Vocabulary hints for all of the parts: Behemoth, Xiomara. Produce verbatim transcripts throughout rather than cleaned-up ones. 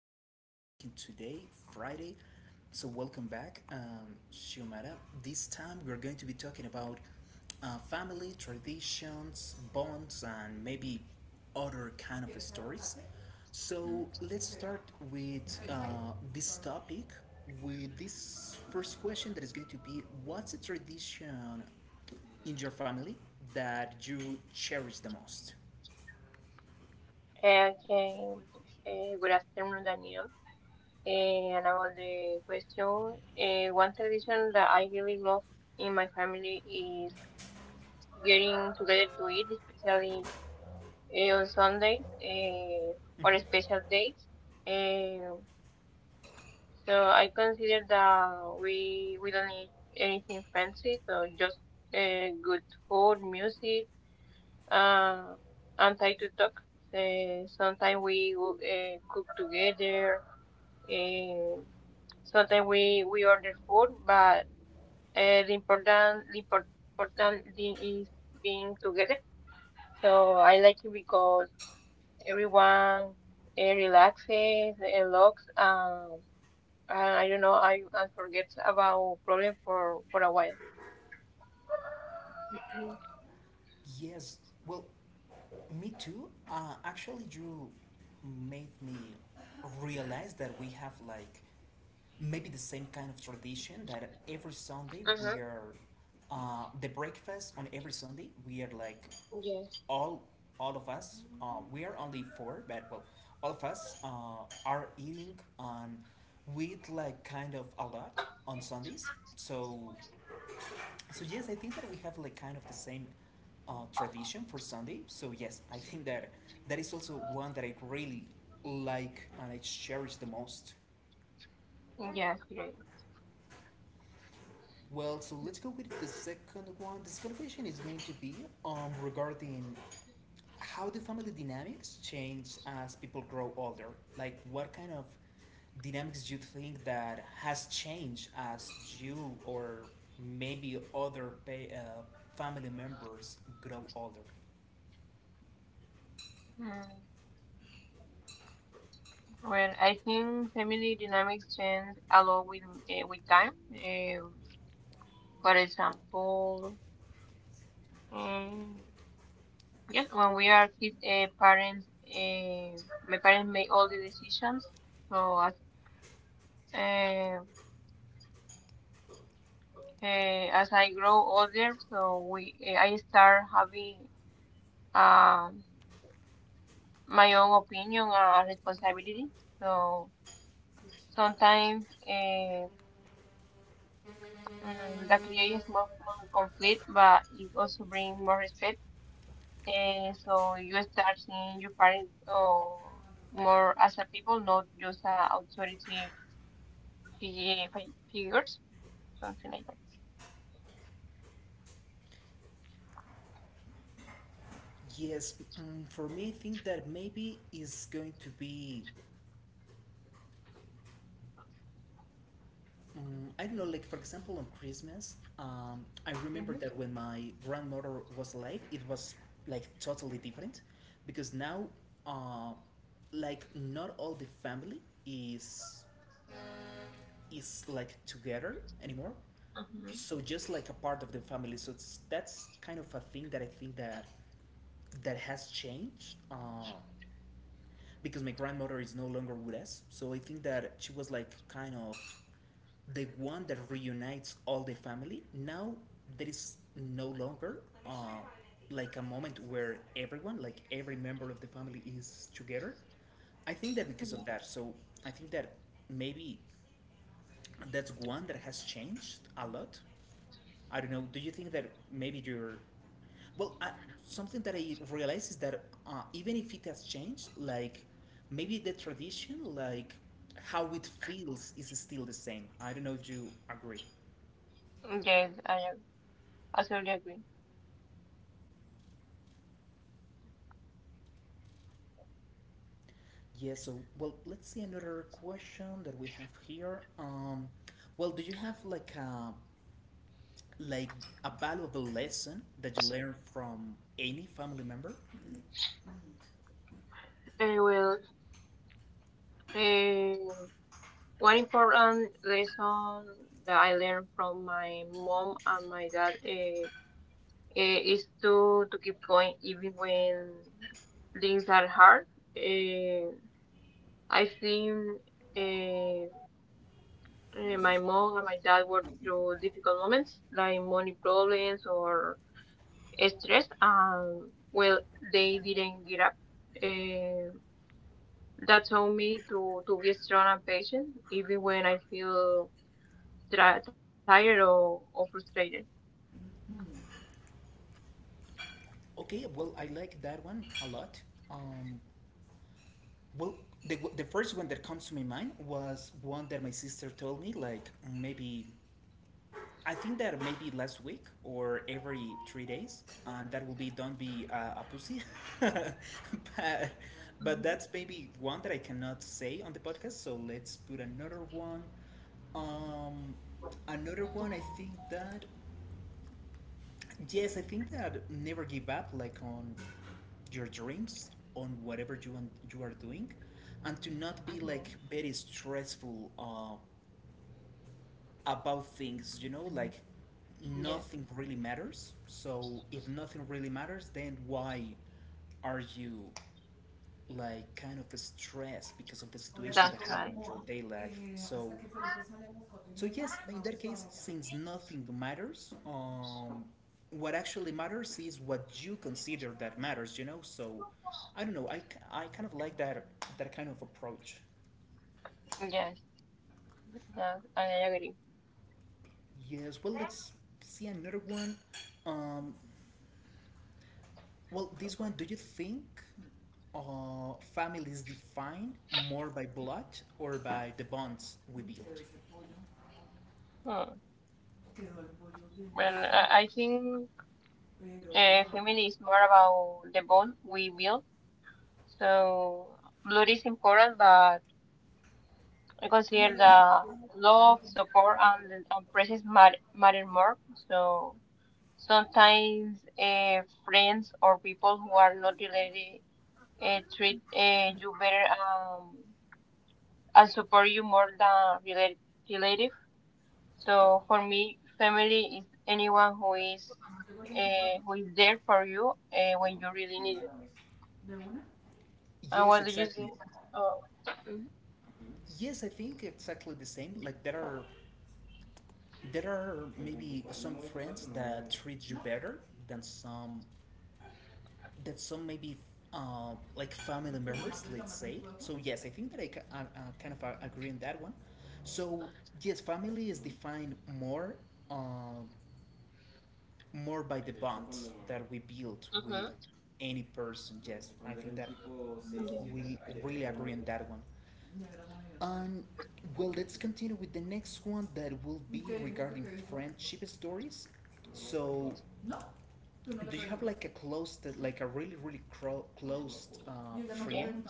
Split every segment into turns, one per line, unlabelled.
we are going to be making today, Friday. So, welcome back, um, Xiomara. This time, we are going to be talking about uh, family, traditions, bonds, and maybe other kind of stories. So, let's start with uh, this topic with this first question that is going to be, what's a tradition in your family that you cherish the most?
Again, uh, good afternoon, Daniel. Eh, And about the question, uh, one tradition that I really love in my family is getting together to eat, especially uh, on Sundays uh, or special days. Um so I consider that we we don't need anything fancy, so just uh, good food, music, uh, and time to talk. Uh, sometimes we uh, cook together and sometimes we we order food, but uh, the important the impor- important thing is being together. So I like it because everyone uh, relaxes, unlocks, um, and I don't know, I and forgets about problem for for a while.
Yes, well, me too. Uh, actually, you made me realize that we have like maybe the same kind of tradition, that every Sunday
Mm-hmm.
we are uh, the breakfast on every Sunday, we are like
Yes.
all all of us, uh, we are only four, but well, all of us uh, are eating, and we eat like kind of a lot on Sundays. So, so yes, I think that we have like kind of the same uh, tradition for Sunday. So yes, I think that that is also one that I really like and I cherish the most.
Yes, great.
Well, so let's go with the second one. The second question is going to be, um, regarding how the family dynamics change as people grow older. Like what kind of dynamics do you think that has changed as you or maybe other pa uh, family members grow older?
Mm. Well, I think family dynamics change a lot with uh, with time. Um, for example. um, yes, when we are kids, uh, parents, uh, my parents make all the decisions. So as uh, uh, as I grow older, so we uh, I start having um my own opinion and responsibility. So sometimes uh, mm, that creates more, more conflict, but it also brings more respect. And so you start seeing your parents or more as a people, not just a authority P G A figures, something like that.
Yes, mm, for me, I think that maybe is going to be, mm, I don't know, like for example, on Christmas, um, I remember that when my grandmother was alive, it was like totally different, because now, uh, like, not all the family is is like together anymore. So just like a part of the family, so it's, that's kind of a thing that I think that that has changed. Uh, because my grandmother is no longer with us. So I think that she was like kind of the one that reunites all the family. Now there is no longer uh, like a moment where everyone, like every member of the family, is together. I think that because of
Yeah.
that. So I think that maybe that's one that has changed a lot. I don't know. Do you think that maybe your, well, I, something that I realize is that uh, even if it has changed, like maybe the tradition, like how it feels, is still the same. I don't know if you agree.
Yes, I ag- absolutely agree.
Yeah. So, well, let's see another question that we have here. Um, well, do you have like a, like a valuable lesson that you learned from any family member?
I will. Uh, well, um One important lesson that I learned from my mom and my dad uh, is to, to keep going even when things are hard. Uh, I think uh, uh, my mom and my dad worked through difficult moments like money problems or stressed um well they didn't get up uh, that told me to to be strong and patient even when I feel tri- tired or, or frustrated.
Okay, well, I like that one a lot. Um, Well, the, the first one that comes to my mind was one that my sister told me, like maybe, I think that maybe last week or every three days, and that will be, don't be uh, a pussy. but, but
Hmm
that's maybe one that I cannot say on the podcast, so let's put another one. Um, Another one, I think that, yes, I think that never give up, like on your dreams, on whatever you want, you are doing, and to not be
hmm
like very stressful uh, about things. You know, like
yeah,
nothing really matters. So if nothing really matters, then why are you like kind of stressed because of the situation that
that's
happened
right.
in your day life. So, so yes, in that case, since nothing matters, um, what actually matters is what you consider that matters. You know, so I don't know. I, k- I kind of like that, that kind of approach.
Yes, that, I agree.
Yes. Well, let's see another one. Um, well, this one. Do you think uh, family is defined more by blood or by the bonds we build?
Hmm.
Quedó el pollo
Well
delicioso,
i, I think
pero
uh,
wow.
family is more about the bond we build, so blood is important, but I
No
consider
le dije a la
the
papá,
love,
no tiene
support, and and presence matter, matter more. So sometimes uh, friends or people who are not related uh, treat uh, you better, um, and support you more than rela- relative. So for me, family is anyone who is
papá, no llegó el two four
uh, who is there for you uh, when you really need it.
de una.
And
Yes,
what do you
exactly.
think? Oh, mm-hmm.
Yes, I think exactly the same. Like there are, there are maybe some friends that treat you better than some that some maybe uh, like family members, let's say. So yes, I think that I, ca- I, uh, kind of uh, agree on that one. So yes, family is defined more, um, more by the bonds that we build with
Mm-hmm.
any person. Yes, I think that
yeah,
we really agree on that one. And well, let's continue with the next one that will be regarding friendship stories. So, do you have like a close, like a really, really cro- close uh,
yeah.
friend?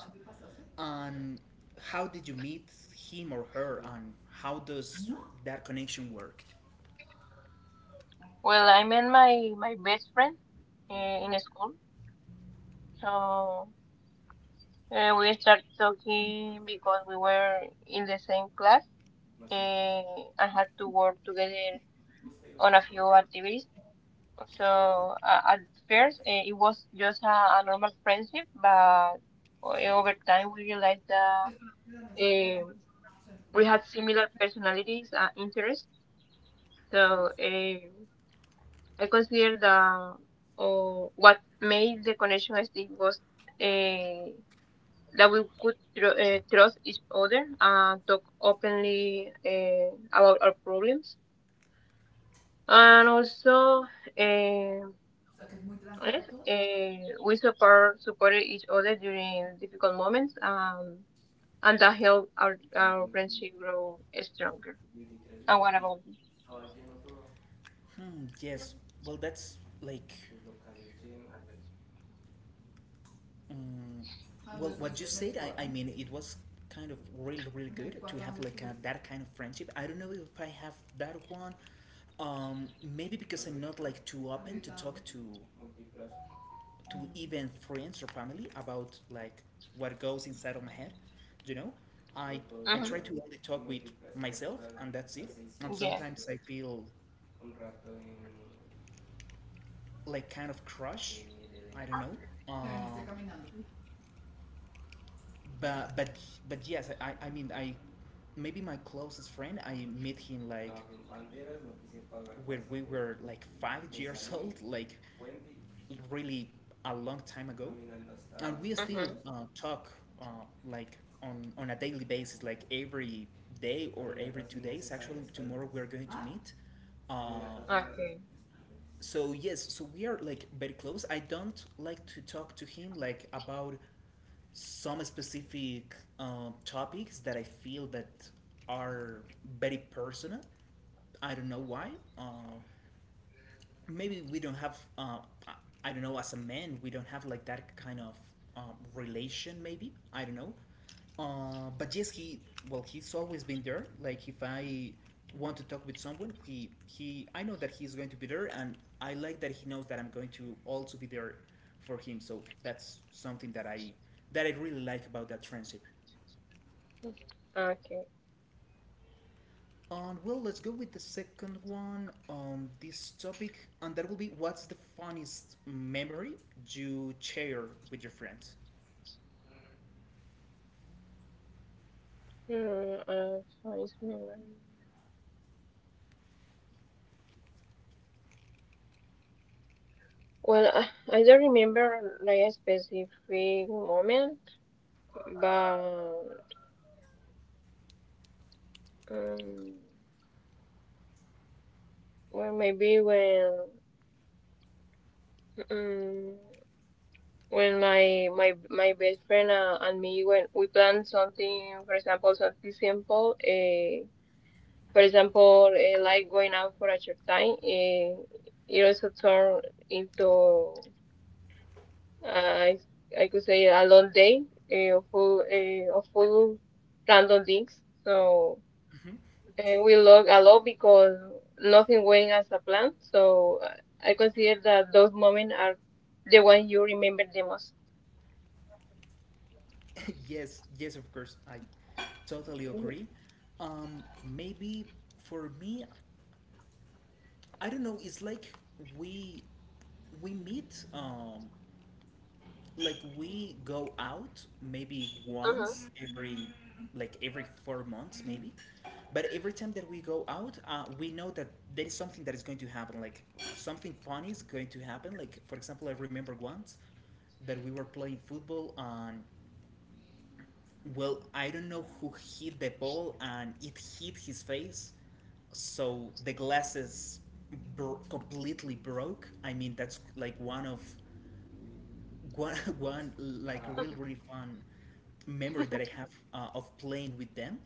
And how did you meet him or her? And how does that connection work?
Well, I met my my best friend uh, in school. So. Uh, we start talking because we were in the same class uh, and I had to work together on a few activities. So uh, at first uh, it was just a, a normal friendship, but o- over time we realized that um we had similar personalities and interests. So
O
uh, I consider that uh, what made the connection stick was uh, that we could tr- uh, trust each other and talk openly uh, about our problems. And also, uh,
sea, que es muy
yes,
trancado todo.
uh, we support supported each other during difficult moments, um, and that helped our, our friendship grow stronger. And what about you?
Hmm, yes. Well, that's like, um, well, what you said, I, I mean, it was kind of really, really, okay, good to have like a, that kind of friendship. I don't know if I have that one. Um, maybe because I'm not like too open to talk to to even friends or family about like what goes inside of my head. You know, I I
Hmm
try to only talk with myself, and that's it. And
Yeah.
sometimes I feel like kind of crush. I don't know. Ah, Uh, but but but yes, I I mean I, maybe my closest friend, I met him like when we were like five years old, like really a long time ago, and we still
Mm-hmm.
uh, talk uh, like on on a daily basis, like every day or every two days. Actually, tomorrow we're going to meet. Uh,
Okay.
so yes, so we are like very close. I don't like to talk to him like about some specific um, topics that I feel that are very personal. I don't know why. Uh, Maybe we don't have. Uh, I- I don't know. As a man, we don't have like that kind of um, relation. Maybe I don't know. Uh, but yes, he, well, he's always been there. Like if I want to talk with someone, he he I know that he's going to be there, and I like that he knows that I'm going to also be there for him. So that's something that I, that I really like about that friendship.
Okay.
And well, let's go with the second one on this topic, and that will be, what's the funniest memory you share with your friends.
Mm, uh, so it's memory. Well, I I don't remember like a specific moment, but Um, well, maybe when mm, when my my my best friend uh, and me when we plan something, for example, something simple. Uh, for example, uh, like going out for a short time. Uh, it also turned into uh, I I could say a long day uh, of full uh, of full random things. So.
Mhm.
And we love a lot because nothing went as a plan. So uh, I consider that those moments are the ones you remember the most.
Yes, yes, of course. I totally
Mhm.
agree. Um, maybe for me, I don't know. It's like we we meet, um, like we go out maybe
Uh-huh.
once every, like every four months maybe. But every time that we go out, uh, we know that there is something that is going to happen. Like something funny is going to happen. Like for example, I remember once that we were playing football, and well, I don't know who hit the ball and it hit his face, so the glasses bro- completely broke. I mean, that's like one of one, one like really really fun memory that I have uh, of playing with them.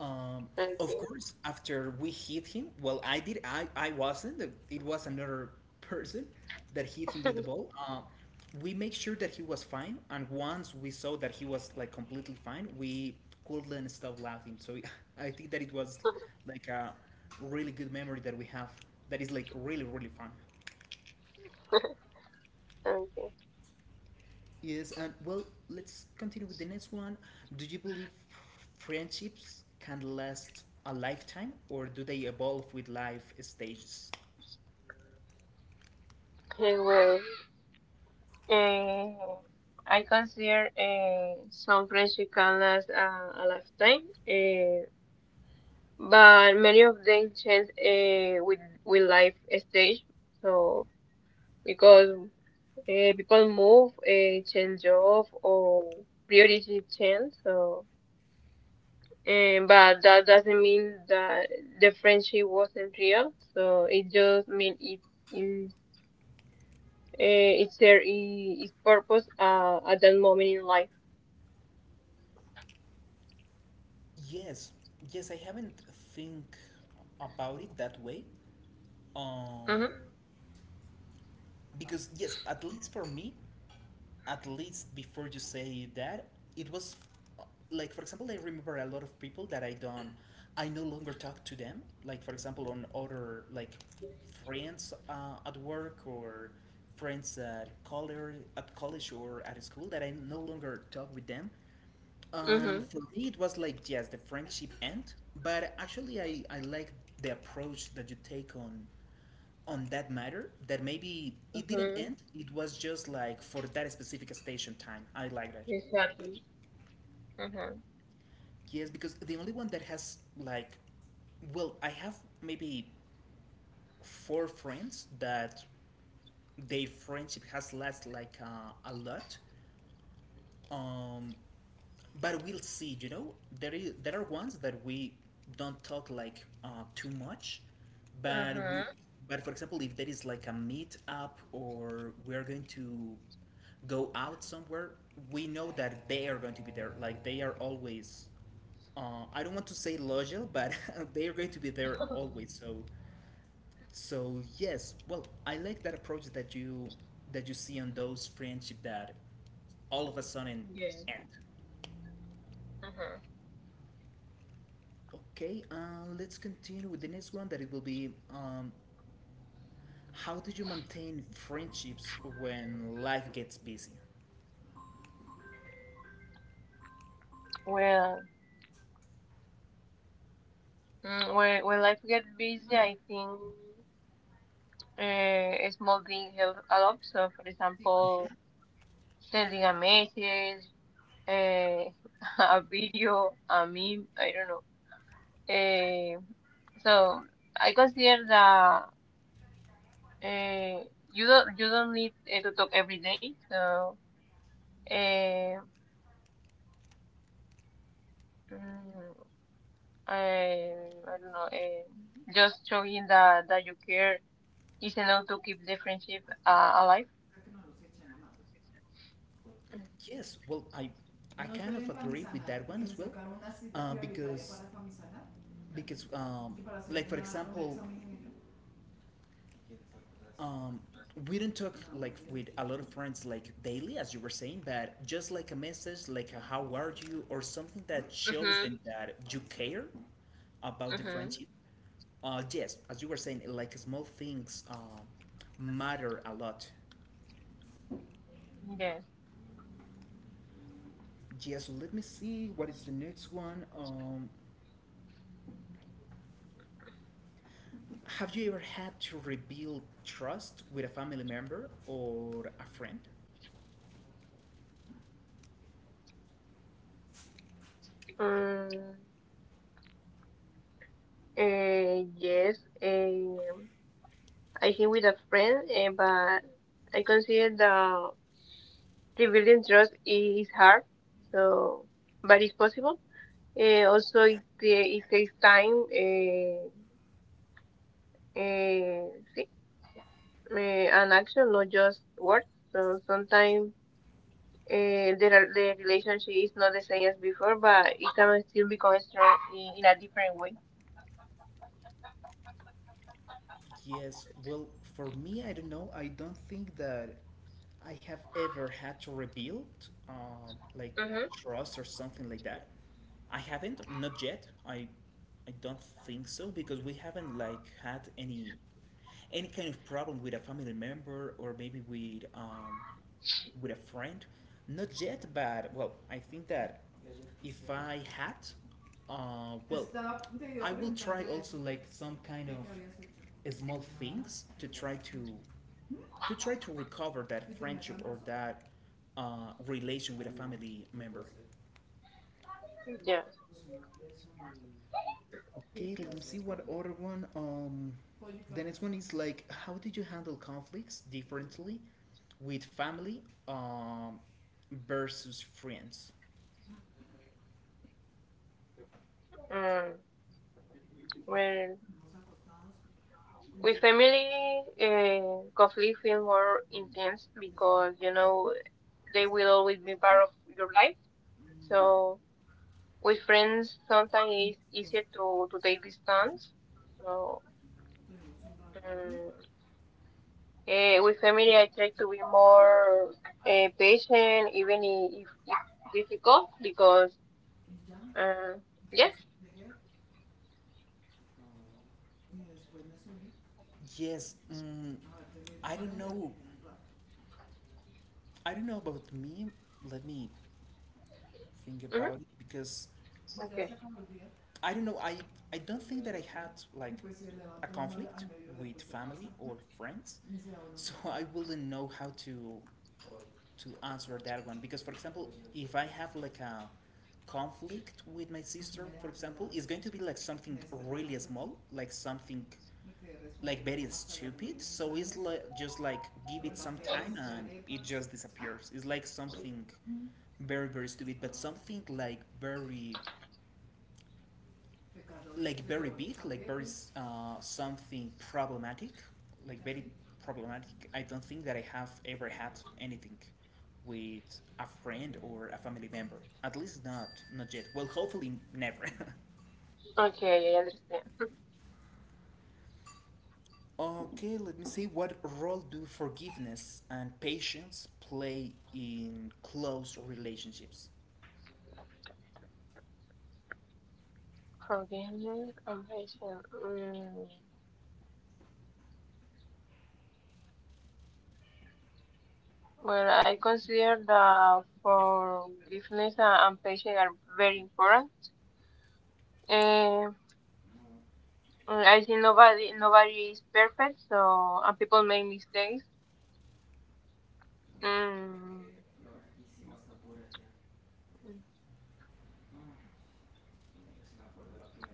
Um,
Thank
of
you.
course, after we hit him, well, I did. I I wasn't. It was another person that hit him with the ball. Um, we make sure that he was fine, and once we saw that he was like completely fine, we couldn't stop laughing. So I think that it was like a really good memory that we have. That is like really really fun.
Thank you.
Yes, and well, let's continue with the next one. Do you believe friendships can last a lifetime, or do they evolve with life stages?
Okay, well, um, I consider uh, some friendship can last uh, a lifetime, uh, but many of them change uh, with with life stage. So because uh, people move, uh, change job, or priorities change. So Um, but that doesn't mean that the friendship wasn't real. So it just means it is uh, it's there i- its purpose uh, at that moment in life.
Yes, yes, I haven't think about it that way. Um,
Mhm.
because yes, at least for me, at least before you say that, it was uh, like, for example, I remember a lot of people that I don't, I no longer talk to them. Like, for example, on other like friends uh, at work, or friends at college, at college or at school that I no longer talk with them. And
Mhm.
for me, it was like, yes, the friendship end. But actually, I I like the approach that you take on on that matter, that maybe it didn't
Mhm.
end. It was just like for that specific station time. I like that.
Exactly. Mhm.
Yes, because the only one that has like, well, I have maybe four friends that their friendship has lasted like uh, a lot. Um, but we'll see, you know, there is, there are ones that we don't talk like uh, too much, but we,
Mhm.
but for example, if there is like a meet up or we're going to go out somewhere, we know that they are going to be there, like they are always, uh, I don't want to say loyal, but they are going to be there always. So, so yes, well I like that approach that you, that you see on those friendship that all of a sudden
yes.
end.
Mhm.
Okay, uh, let's continue with the next one that it will be, um, how do you maintain friendships when life gets busy?
Well, mm, when when life gets busy, I think uh, a small thing helps a lot. So, for example, sending a message, uh, a video, a meme. I don't know. Eh, so I consider that eh, you don't you don't need eh, to talk every day. So eh, mm, I, I don't know. Eh, just showing that that you care is enough to keep the friendship uh, alive.
Yes, well, I I kind of agree with that one as well, uh, because because um, like for example, Um, we do not talk like with a lot of friends like daily, as you were saying, but just like a message, like a how are you, or something that shows
Mm-hmm.
them that you care about the
Mm-hmm.
friendship. Uh, yes, as you were saying, like small things uh, matter a lot.
Yes.
Yes, so let me see what is the next one. Um, have you ever had to rebuild trust with a family member or a friend?
Um, uh, yes. Um, I think with a friend, uh, but I consider that rebuilding trust is hard, so but it's possible. Uh, also, it, ta- it takes time, uh, uh, see, uh, and action, not just words. So sometimes uh, the, re- the relationship is not the same as before, but it can still become strong in, in a different way.
Yes, well, for me, I don't know. I don't think that I have ever had to rebuild, um, like
Mm-hmm.
trust or something like that. I haven't, not yet. I, I don't think so because we haven't like had any any kind of problem with a family member or maybe with um, with a friend. Not yet, but well, I think that if I had, uh, well, I will try also like some kind of small things to try to to try to recover that friendship or that uh, relation with a family member.
Yes.
Okay, let me see what other one. Um, the next one is like, how did you handle conflicts differently with family um, versus friends?
Mm. Well, with family, uh, conflict feel more intense because you know they will always be part of your life. So with friends sometimes it's easier to, to take distance. So um, eh, with family, I try to be more uh, patient, even i- if it's difficult, because um, yes.
Yes, Brenda Zuni. Yes, mm, Ah, I don't know. I don't know about me. Let me think
hmm
about it because I don't know. I I don't think that I had like Pues a conflict with pues, family or friends, so I wouldn't know how to to answer that one. Because for example, if I have like a conflict with my sister, for example, is going to be like something really small, like something like very stupid. So it's like just like give it some time and it just disappears. It's like something very very stupid, but something like very like very big, like very uh, something problematic, like very problematic. I don't think that I have ever had anything with a friend or a family member. At least not not yet. Well, hopefully never.
okay, I understand.
Okay, let me see what role do forgiveness and patience play in close relationships.
Forgiveness and patience. Mm. Well, I consider that forgiveness a- and patience are very important. Eh, mm, I think nobody nobody is perfect, so and people make mistakes. Mm.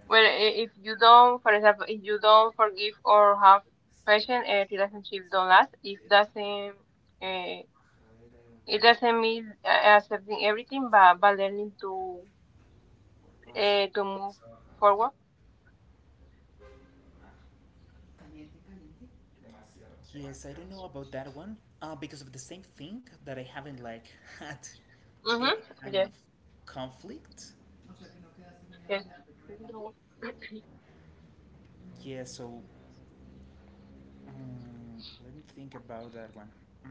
Well, i- if you don't, for example, if you don't forgive or have patience, a relationship don't last. It doesn't, uh, it doesn't mean uh, accepting everything, but but learning to uh, to move forward.
Yes, I don't know about that one. Uh, because of the same thing that I haven't like had
Mm-hmm.
any kind
Yes.
of conflict. No,
Yes. No.
yeah, so mm, let me think about that one. Mm,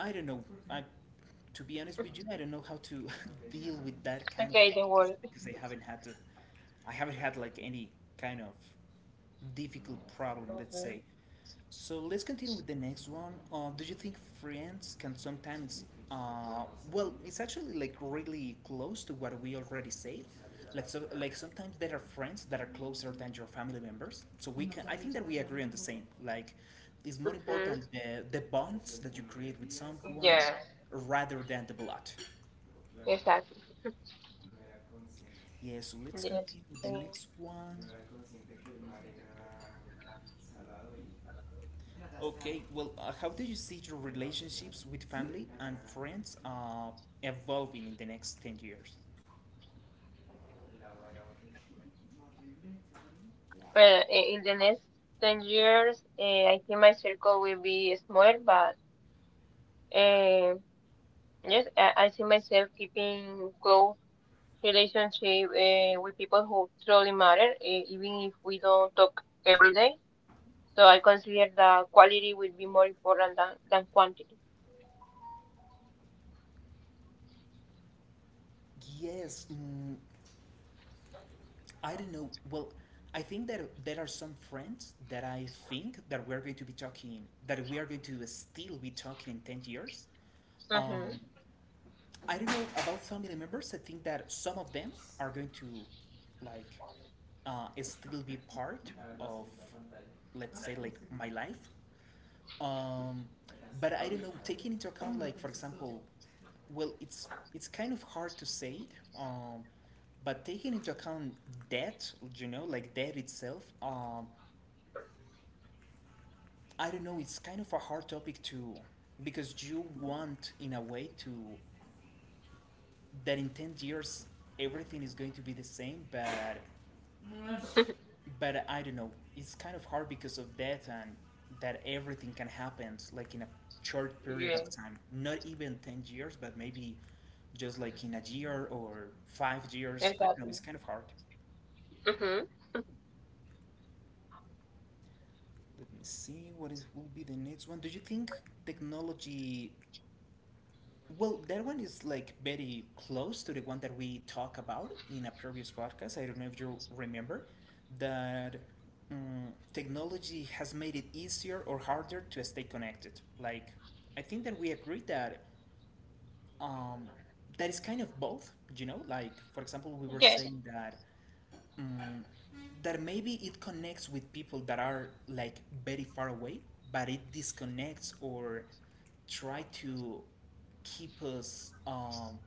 I don't know. I, to be honest with you, I don't know how to deal with that kind of
Okay. Don't
thing
worry.
because I haven't had to. I haven't had like any kind of difficult problem, let's
Okay.
say. So let's continue with the next one. Uh, do you think friends can sometimes, uh, well, it's actually like really close to what we already said. Like so, like sometimes there are friends that are closer than your family members. So we can, I think that we agree on the same. Like, it's more important
Mm-hmm.
the the bonds that you create with someone
Yes.
rather than the blood.
Exactly.
Yeah. So let's
Yes.
continue with the
Uh,
next one. Okay, well, uh, how do you see your relationships with family and friends uh, evolving in the next ten years?
well, I- in the next ten years, uh, I think my circle will be smaller, but yes, I I see myself keeping close relationship uh, with people who truly matter, uh, even if we don't talk every day. So I consider that quality will be more important than, than quantity.
Yes, mm, I don't know. Well, I think that there are some friends that I think that we're going to be talking, that we are going to still be talking in ten years.
Mm-hmm.
Um, I don't know about family members. I think that some of them are going to, like, uh, still be part of, let's say, like my life. Um, but I don't know. Taking into account, like for example, well, it's it's kind of hard to say. Um, but taking into account debt, you know, like debt itself, um, I don't know. It's kind of a hard topic to, because you want, in a way, to that in ten years everything is going to be the same, but but I don't know. It's kind of hard because of that and that everything can happen like in a short period
Yeah,
of time. Not even ten years, but maybe just like in a year or five years. I don't know,
exactly.
it's kind of hard.
Mm-hmm.
Let me see what it will be the next one. Do you think technology, well, that one is like very close to the one that we talked about in a previous podcast. I don't know if you remember that um, technology has made it easier or harder to stay connected. Like, I think that we agreed that um, that is kind of both. You know, like for example, we were
Yes.
saying that um, that maybe it connects with people that are like very far away, but it disconnects or try to keep us um,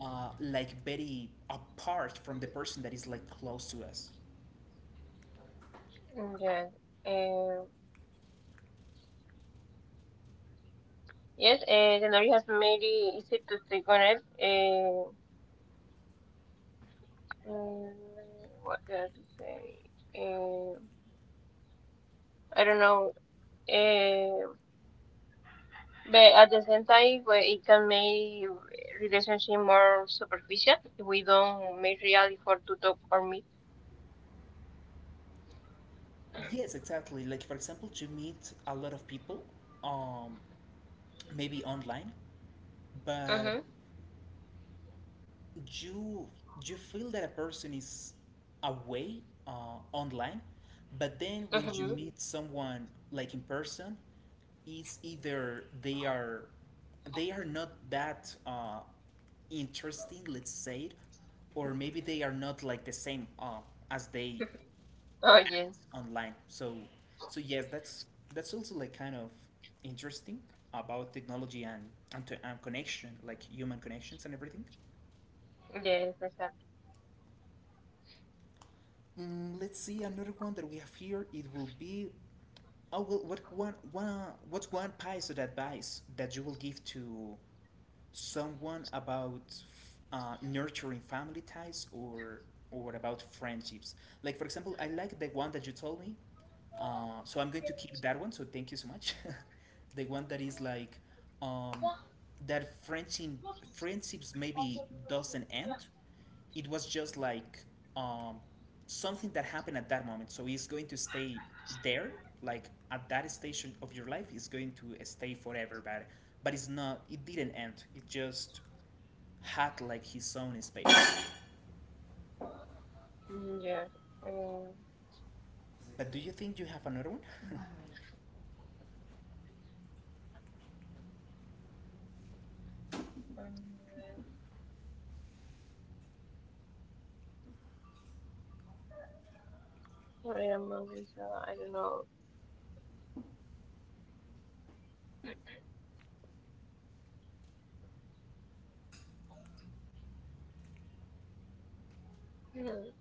uh, like very apart from the person that is like close to us.
Mm, yes. Uh, yes, uh, the knowledge has made it easy to stay connected. Uh, mm, what did I have to say? Uh, I don't know. Uh, But at the same time, well, it can make relationship more superficial if we don't make real effort to talk or meet.
Yes, exactly. Like for example, you meet a lot of people, um, maybe online, but
Mhm.
you you feel that a person is away uh, online, but then when you
Mhm.
meet someone like in person, it's either they are they are not that uh, interesting, let's say it, or maybe they are not like the same uh, as they
Oh yes.
online. So so yes, that's that's also like kind of interesting about technology and and, to, and connection, like human connections and everything.
Yes. Exactly.
Mm, let's see another one that we have here. It will be, oh well, what one one what's one piece of advice that you will give to someone about uh, nurturing family ties or or about friendships? Like for example, I like the one that you told me. Uh, so I'm going to keep that one. So thank you so much. The one that is like um, that friendship friendships maybe doesn't end. It was just like um, something that happened at that moment. So it's going to stay there, like at that station of your life, it's going to stay forever. But but it's not. It didn't end. It just had like his own space.
Mm, yes. Um,
But do you think you have another one?
um, what am I gonna say? I don't know. Mm,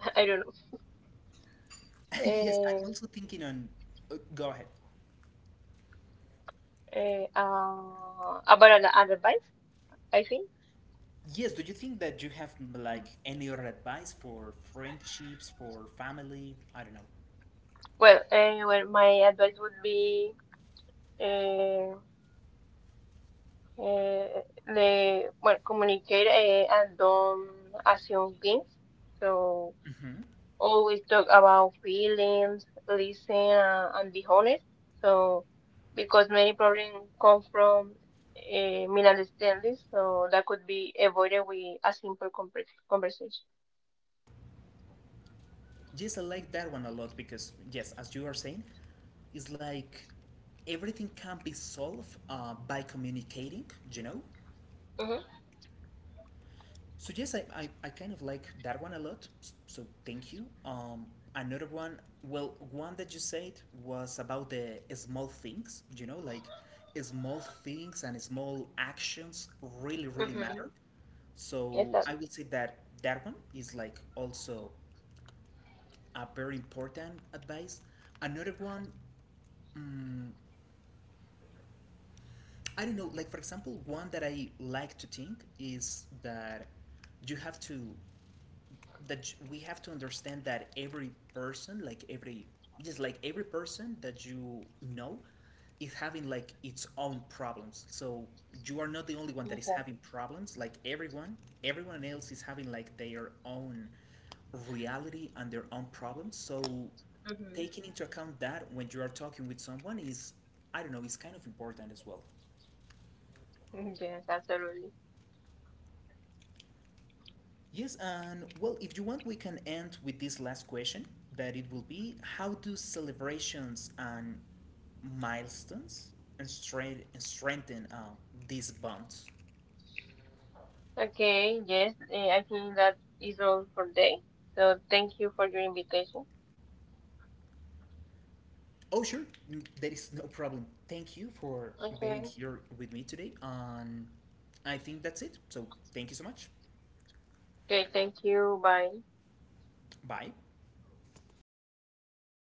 I don't know.
Yes,
Uh,
I'm also thinking on. Uh, go ahead.
uh, uh, about an advice, I think.
Yes, do you think that you have m- like any other advice for friendships, for family? I don't know.
Well, uh, well, my advice would be Uh. Uh, le well communicate uh, and don't assume things. So
Hmm.
always talk about feelings, listen, uh, and be honest. So because many problems come from uh, misunderstandings, so that could be avoided with a simple compre- conversation.
Yes, I like that one a lot because, yes, as you are saying, it's like everything can be solved uh, by communicating, you know?
Mm-hmm.
So yes, I, I, I kind of like that one a lot. s- So thank you. Um, another one, well, one that you said was about the small things. You know, like small things and small actions really really
Mm-hmm.
matter. So I
Exactly.
will say that that one is like also a very important advice. Another one, um, I don't know. Like for example, one that I like to think is that you have to that we have to understand that every person, like every, just like every person that you know, is having like its own problems. So you are not the only one that is
Mm-hmm.
having problems. Like everyone, everyone else is having like their own reality and their own problems. So taking into account that when you are talking with someone is, I don't know, it's kind of important as well.
Yes, absolutely.
Yes, and well, if you want, we can end with this last question that it will be how do celebrations and milestones and strength, strengthen uh, these bonds?
Okay. Yes, uh, I think that is all for today. So thank you for your invitation.
Oh, sure, n- there is no problem. Thank you for being
Okay.
here with me today. And I think that's it. So, thank you so much.
Okay, thank you. Bye.
Bye.